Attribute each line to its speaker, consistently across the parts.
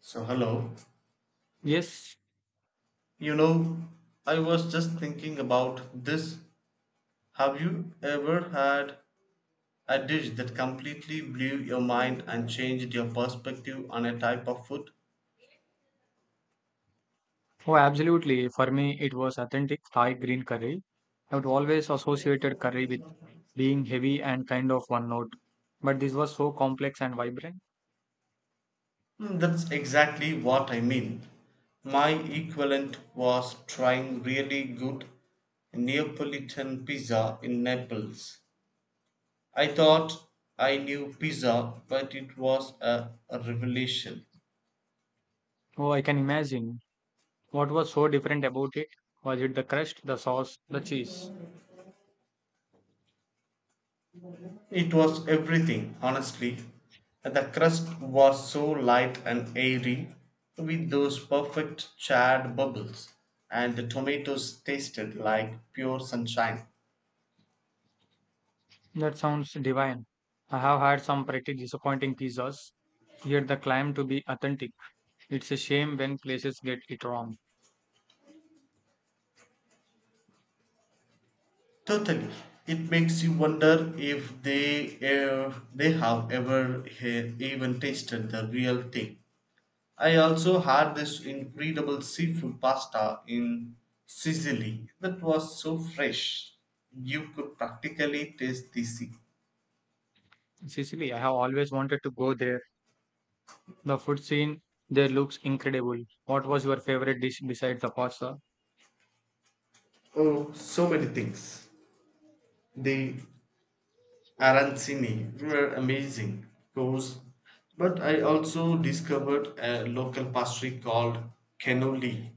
Speaker 1: So, hello.
Speaker 2: Yes,
Speaker 1: You know, I was just thinking about this. Have you ever had a dish that completely blew your mind and changed your perspective on a type of food?
Speaker 2: oh, absolutely. For me, it was authentic Thai green curry. I would always associated curry with being heavy and kind of one note. But this was so complex and vibrant.
Speaker 1: Mm, that's exactly what I mean. My equivalent was trying really good Neapolitan pizza in Naples. I thought I knew pizza, but it was a revelation.
Speaker 2: Oh, I can imagine. What was so different about it? Was it the crust, the sauce, the cheese?
Speaker 1: It was everything, honestly. The crust was so light and airy, with those perfect charred bubbles, and the tomatoes tasted like pure sunshine.
Speaker 2: That sounds divine. I have had some pretty disappointing pizzas, yet the claim to be authentic. It's a shame when places get it wrong.
Speaker 1: Totally. It makes you wonder if they have ever even tasted the real thing. I also had this incredible seafood pasta in Sicily that was so fresh you could practically taste the sea.
Speaker 2: Sicily, I have always wanted to go there. The food scene there looks incredible. What was your favorite dish besides the pasta?
Speaker 1: Oh, so many things. The arancini were amazing, of course, but I also discovered a local pastry called cannoli.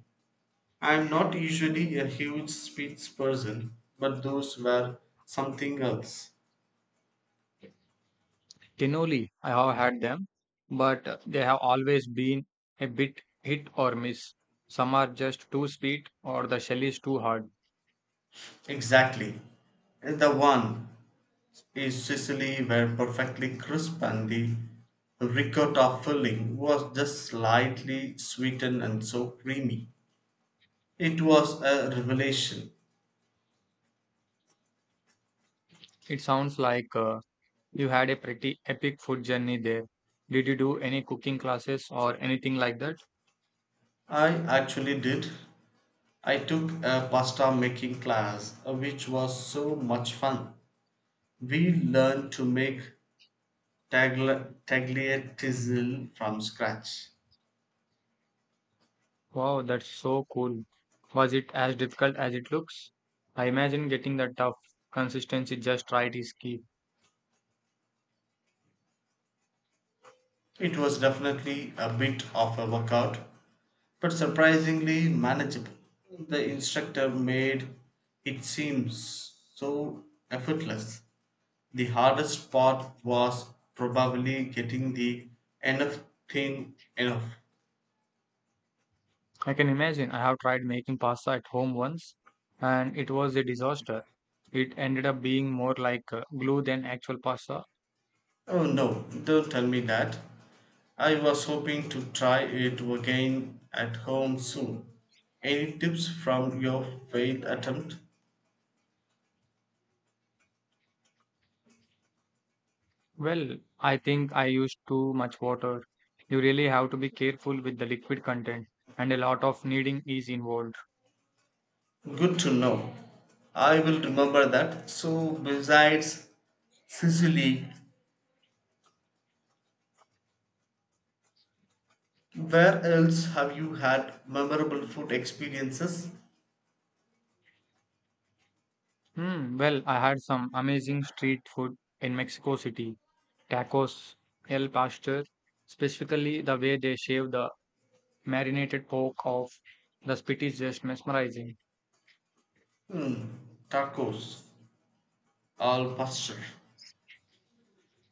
Speaker 1: I'm not usually a huge sweets person, but those were something else.
Speaker 2: Tinoli, I have had them, but they have always been a bit hit or miss. Some are just too sweet or the shell is too hard.
Speaker 1: Exactly. And the one is Sicily were perfectly crisp and the ricotta filling was just slightly sweetened and so creamy. It was a revelation.
Speaker 2: It sounds like you had a pretty epic food journey there. Did you do any cooking classes or anything like that?
Speaker 1: I actually did. I took a pasta making class, which was so much fun. We learned to make tagliatelle from scratch.
Speaker 2: Wow, that's so cool. Was it as difficult as it looks? I imagine getting the tough consistency just right is key.
Speaker 1: It was definitely a bit of a workout, but surprisingly manageable. The instructor made it seem so effortless. The hardest part was probably getting the enough thin enough.
Speaker 2: I can imagine. I have tried making pasta at home once and it was a disaster. It ended up being more like glue than actual pasta.
Speaker 1: Oh no, don't tell me that. I was hoping to try it again at home soon. Any tips from your failed attempt?
Speaker 2: Well, I think I used too much water. You really have to be careful with the liquid content and a lot of kneading is involved.
Speaker 1: Good to know. I will remember that. So, besides Sicily, where else have you had memorable food experiences?
Speaker 2: Hmm, well, I had some amazing street food in Mexico City. Tacos, el pastor, specifically the way they shave the marinated pork off the spit is just mesmerizing.
Speaker 1: Hmm, tacos al pastor.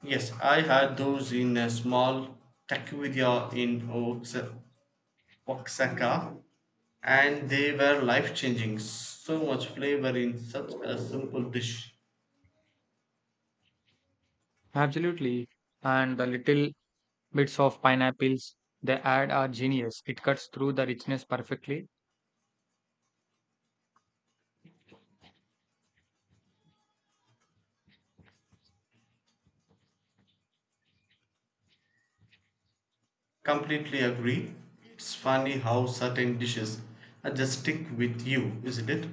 Speaker 1: Yes, I had those in a small taqueria in Oaxaca. And they were life changing. So much flavor in such a simple dish.
Speaker 2: Absolutely. And the little bits of pineapples they add are genius. It cuts through the richness perfectly.
Speaker 1: Completely agree. It's funny how certain dishes are just stick with you, isn't it?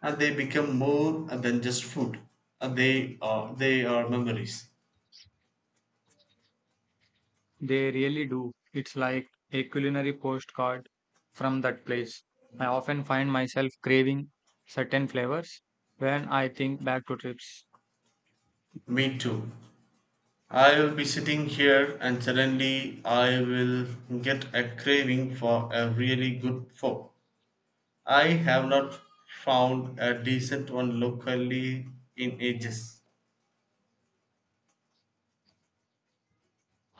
Speaker 1: And they become more than just food. And they are memories.
Speaker 2: They really do. It's like a culinary postcard from that place. I often find myself craving certain flavors when I think back to trips.
Speaker 1: Me too. I will be sitting here and suddenly I will get a craving for a really good pho. I have not found a decent one locally in ages.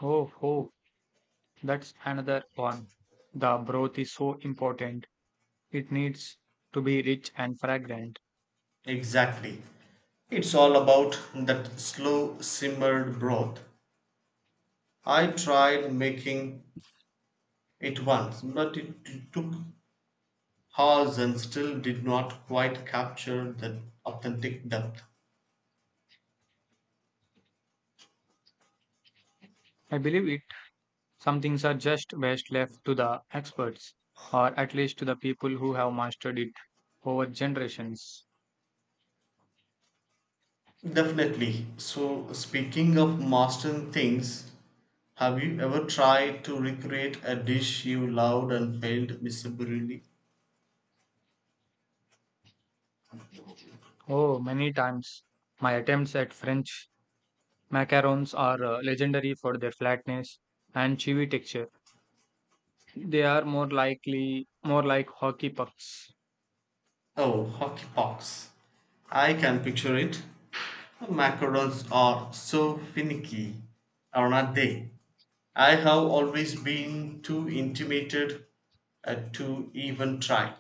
Speaker 2: Oh, oh, that's another one. The broth is so important. It needs to be rich and fragrant.
Speaker 1: Exactly. It's all about that slow simmered broth. I tried making it once, but it took hours and still did not quite capture the authentic depth.
Speaker 2: I believe some things are just best left to the experts, or at least to the people who have mastered it over generations.
Speaker 1: Definitely. So, speaking of mastering things, have you ever tried to recreate a dish you loved and failed miserably?
Speaker 2: Oh, many times my attempts at French macarons are legendary for their flatness and chewy texture. They are more likely more like hockey pucks.
Speaker 1: Oh, hockey pucks! I can picture it. Macarons are so finicky, are not they? I have always been too intimidated to even try.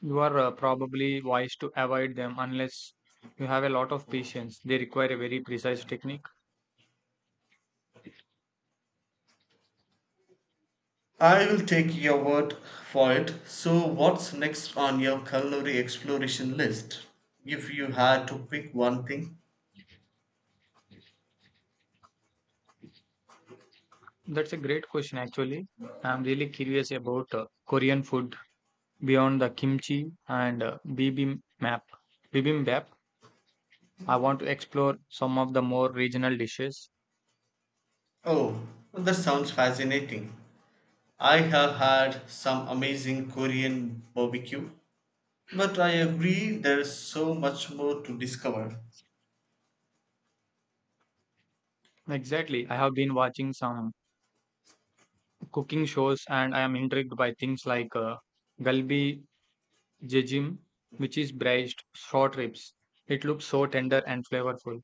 Speaker 2: You are probably wise to avoid them unless you have a lot of patience. They require a very precise technique.
Speaker 1: I will take your word for it. So, what's next on your culinary exploration list? If you had to pick one thing?
Speaker 2: That's a great question, actually. I'm really curious about Korean food beyond the kimchi and bibimbap, I want to explore some of the more regional dishes.
Speaker 1: Oh, that sounds fascinating. I have had some amazing Korean barbecue, but I agree there's so much more to discover.
Speaker 2: Exactly. I have been watching some cooking shows and I am intrigued by things like galbi jejim, which is braised short ribs. It looks so tender and flavorful.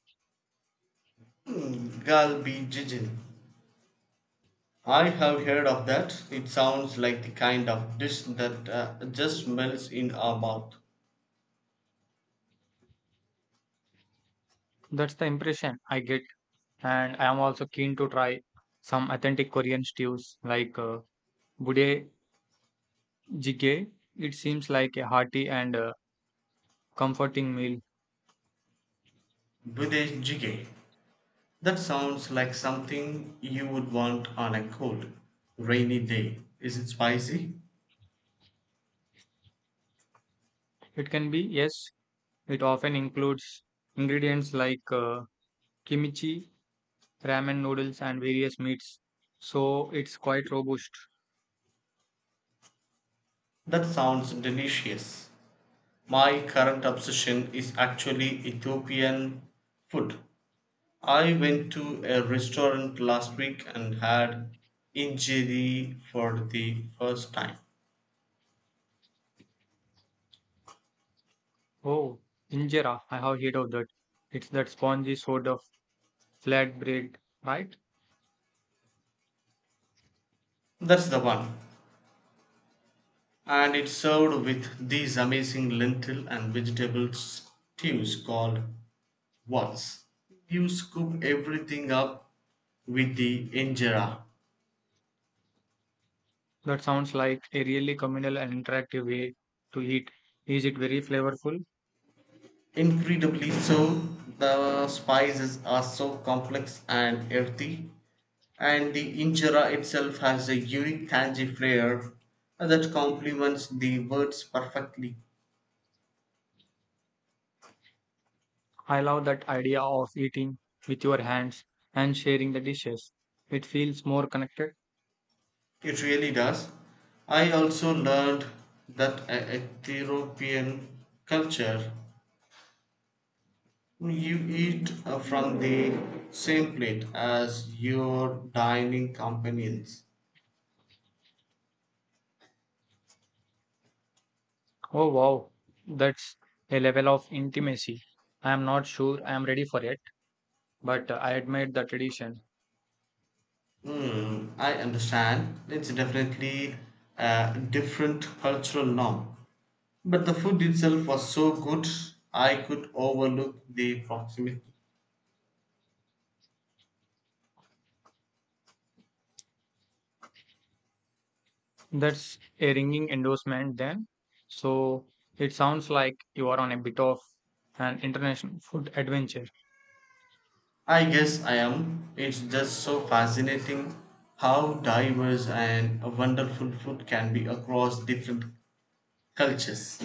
Speaker 1: Hmm, Galbi Jijin. I have heard of that. It sounds like the kind of dish that just melts in our mouth.
Speaker 2: That's the impression I get. And I am also keen to try some authentic Korean stews like budae jjigae. It seems like a hearty and comforting meal.
Speaker 1: Bude Jjigae. That sounds like something you would want on a cold, rainy day. Is it spicy?
Speaker 2: It can be, yes. It often includes ingredients like kimchi, ramen noodles, and various meats. So it's quite robust.
Speaker 1: That sounds delicious. My current obsession is actually Ethiopian food. I went to a restaurant last week and had injeri for the first time.
Speaker 2: Oh, injera, I have heard of that. It's that spongy sort of flat bread, right?
Speaker 1: That's the one. And it's served with these amazing lentil and vegetable stews called wats. You scoop everything up with the injera.
Speaker 2: That sounds like a really communal and interactive way to eat. Is it very flavorful?
Speaker 1: Incredibly so, the spices are so complex and earthy, and the injera itself has a unique tangy flair that complements the words perfectly.
Speaker 2: I love that idea of eating with your hands and sharing the dishes. It feels more connected.
Speaker 1: It really does. I also learned that a Ethiopian culture, you eat from the same plate as your dining companions.
Speaker 2: Oh wow, that's a level of intimacy. I am not sure I am ready for it, but I admire the tradition.
Speaker 1: Hmm, I understand. It's definitely a different cultural norm. But the food itself was so good, I could overlook the proximity.
Speaker 2: That's a ringing endorsement then. So it sounds like you are on a bit of an international food adventure.
Speaker 1: I guess I am. It's just so fascinating how diverse and wonderful food can be across different cultures.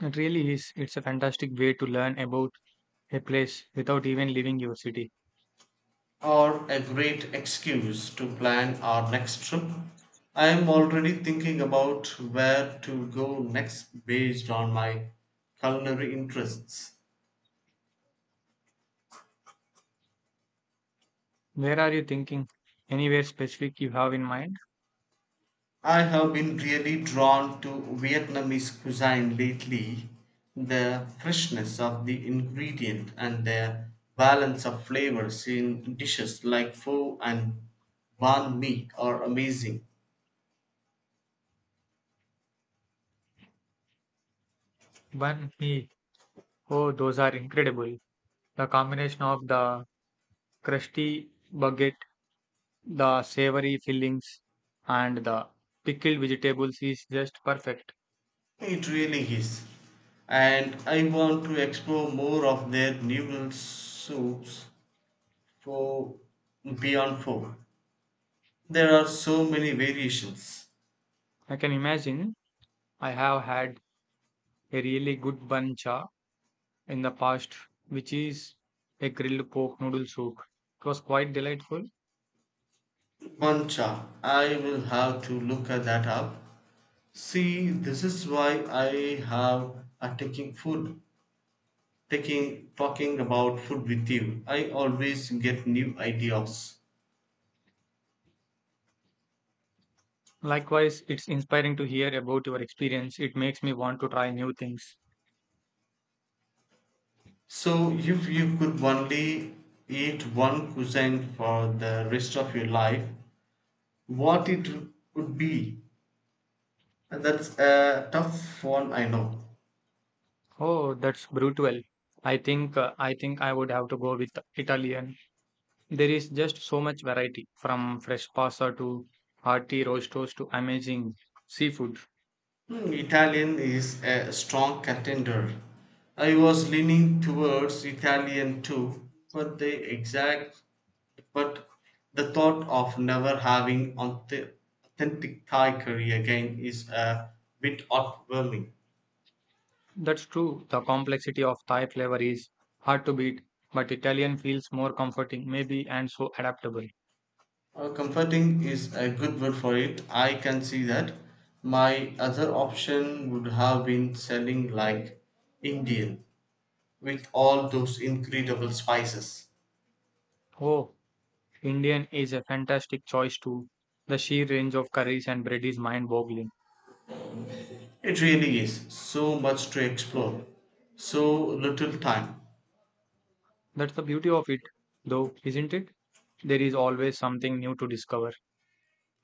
Speaker 2: It really is. It's a fantastic way to learn about a place without even leaving your city.
Speaker 1: Or a great excuse to plan our next trip. I am already thinking about where to go next based on my culinary interests.
Speaker 2: Where are you thinking? Anywhere specific you have in mind?
Speaker 1: I have been really drawn to Vietnamese cuisine lately. The freshness of the ingredient and the balance of flavors in dishes like pho and banh mi are amazing.
Speaker 2: Banh mi. Oh, those are incredible. The combination of the crusty baguette, the savory fillings, and the pickled vegetables is just perfect.
Speaker 1: It really is. And I want to explore more of their noodle soups for Beyond four. There are so many variations.
Speaker 2: I can imagine. I have had a really good bun cha in the past, which is a grilled pork noodle soup. It was quite delightful.
Speaker 1: Pancha. I will have to look at that up. See, this is why I have a taking food, taking talking about food with you. I always get new ideas.
Speaker 2: Likewise, it's inspiring to hear about your experience. It makes me want to try new things.
Speaker 1: So, if you could only eat one cuisine for the rest of your life, what it would be? And that's a tough one, I know.
Speaker 2: Oh, that's brutal. I think I would have to go with Italian. There is just so much variety from fresh pasta to hearty roastos to amazing seafood.
Speaker 1: Hmm, Italian is a strong contender. I was leaning towards Italian too, but the thought of never having authentic Thai curry again is a bit overwhelming.
Speaker 2: That's true. The complexity of Thai flavor is hard to beat, but Italian feels more comforting, maybe, and so adaptable.
Speaker 1: Comforting is a good word for it. I can see that. My other option would have been selling like Indian with all those incredible spices.
Speaker 2: Oh, Indian is a fantastic choice too. The sheer range of curries and bread is mind boggling.
Speaker 1: It really is so much to explore, so little time.
Speaker 2: That's the beauty of it, though, isn't it? There is always something new to discover.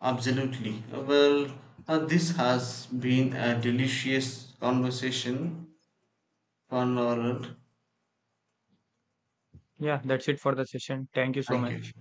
Speaker 1: Absolutely. Well, this has been a delicious conversation, Conrad.
Speaker 2: Yeah, that's it for the session. Thank you so
Speaker 1: Thank you.
Speaker 2: much.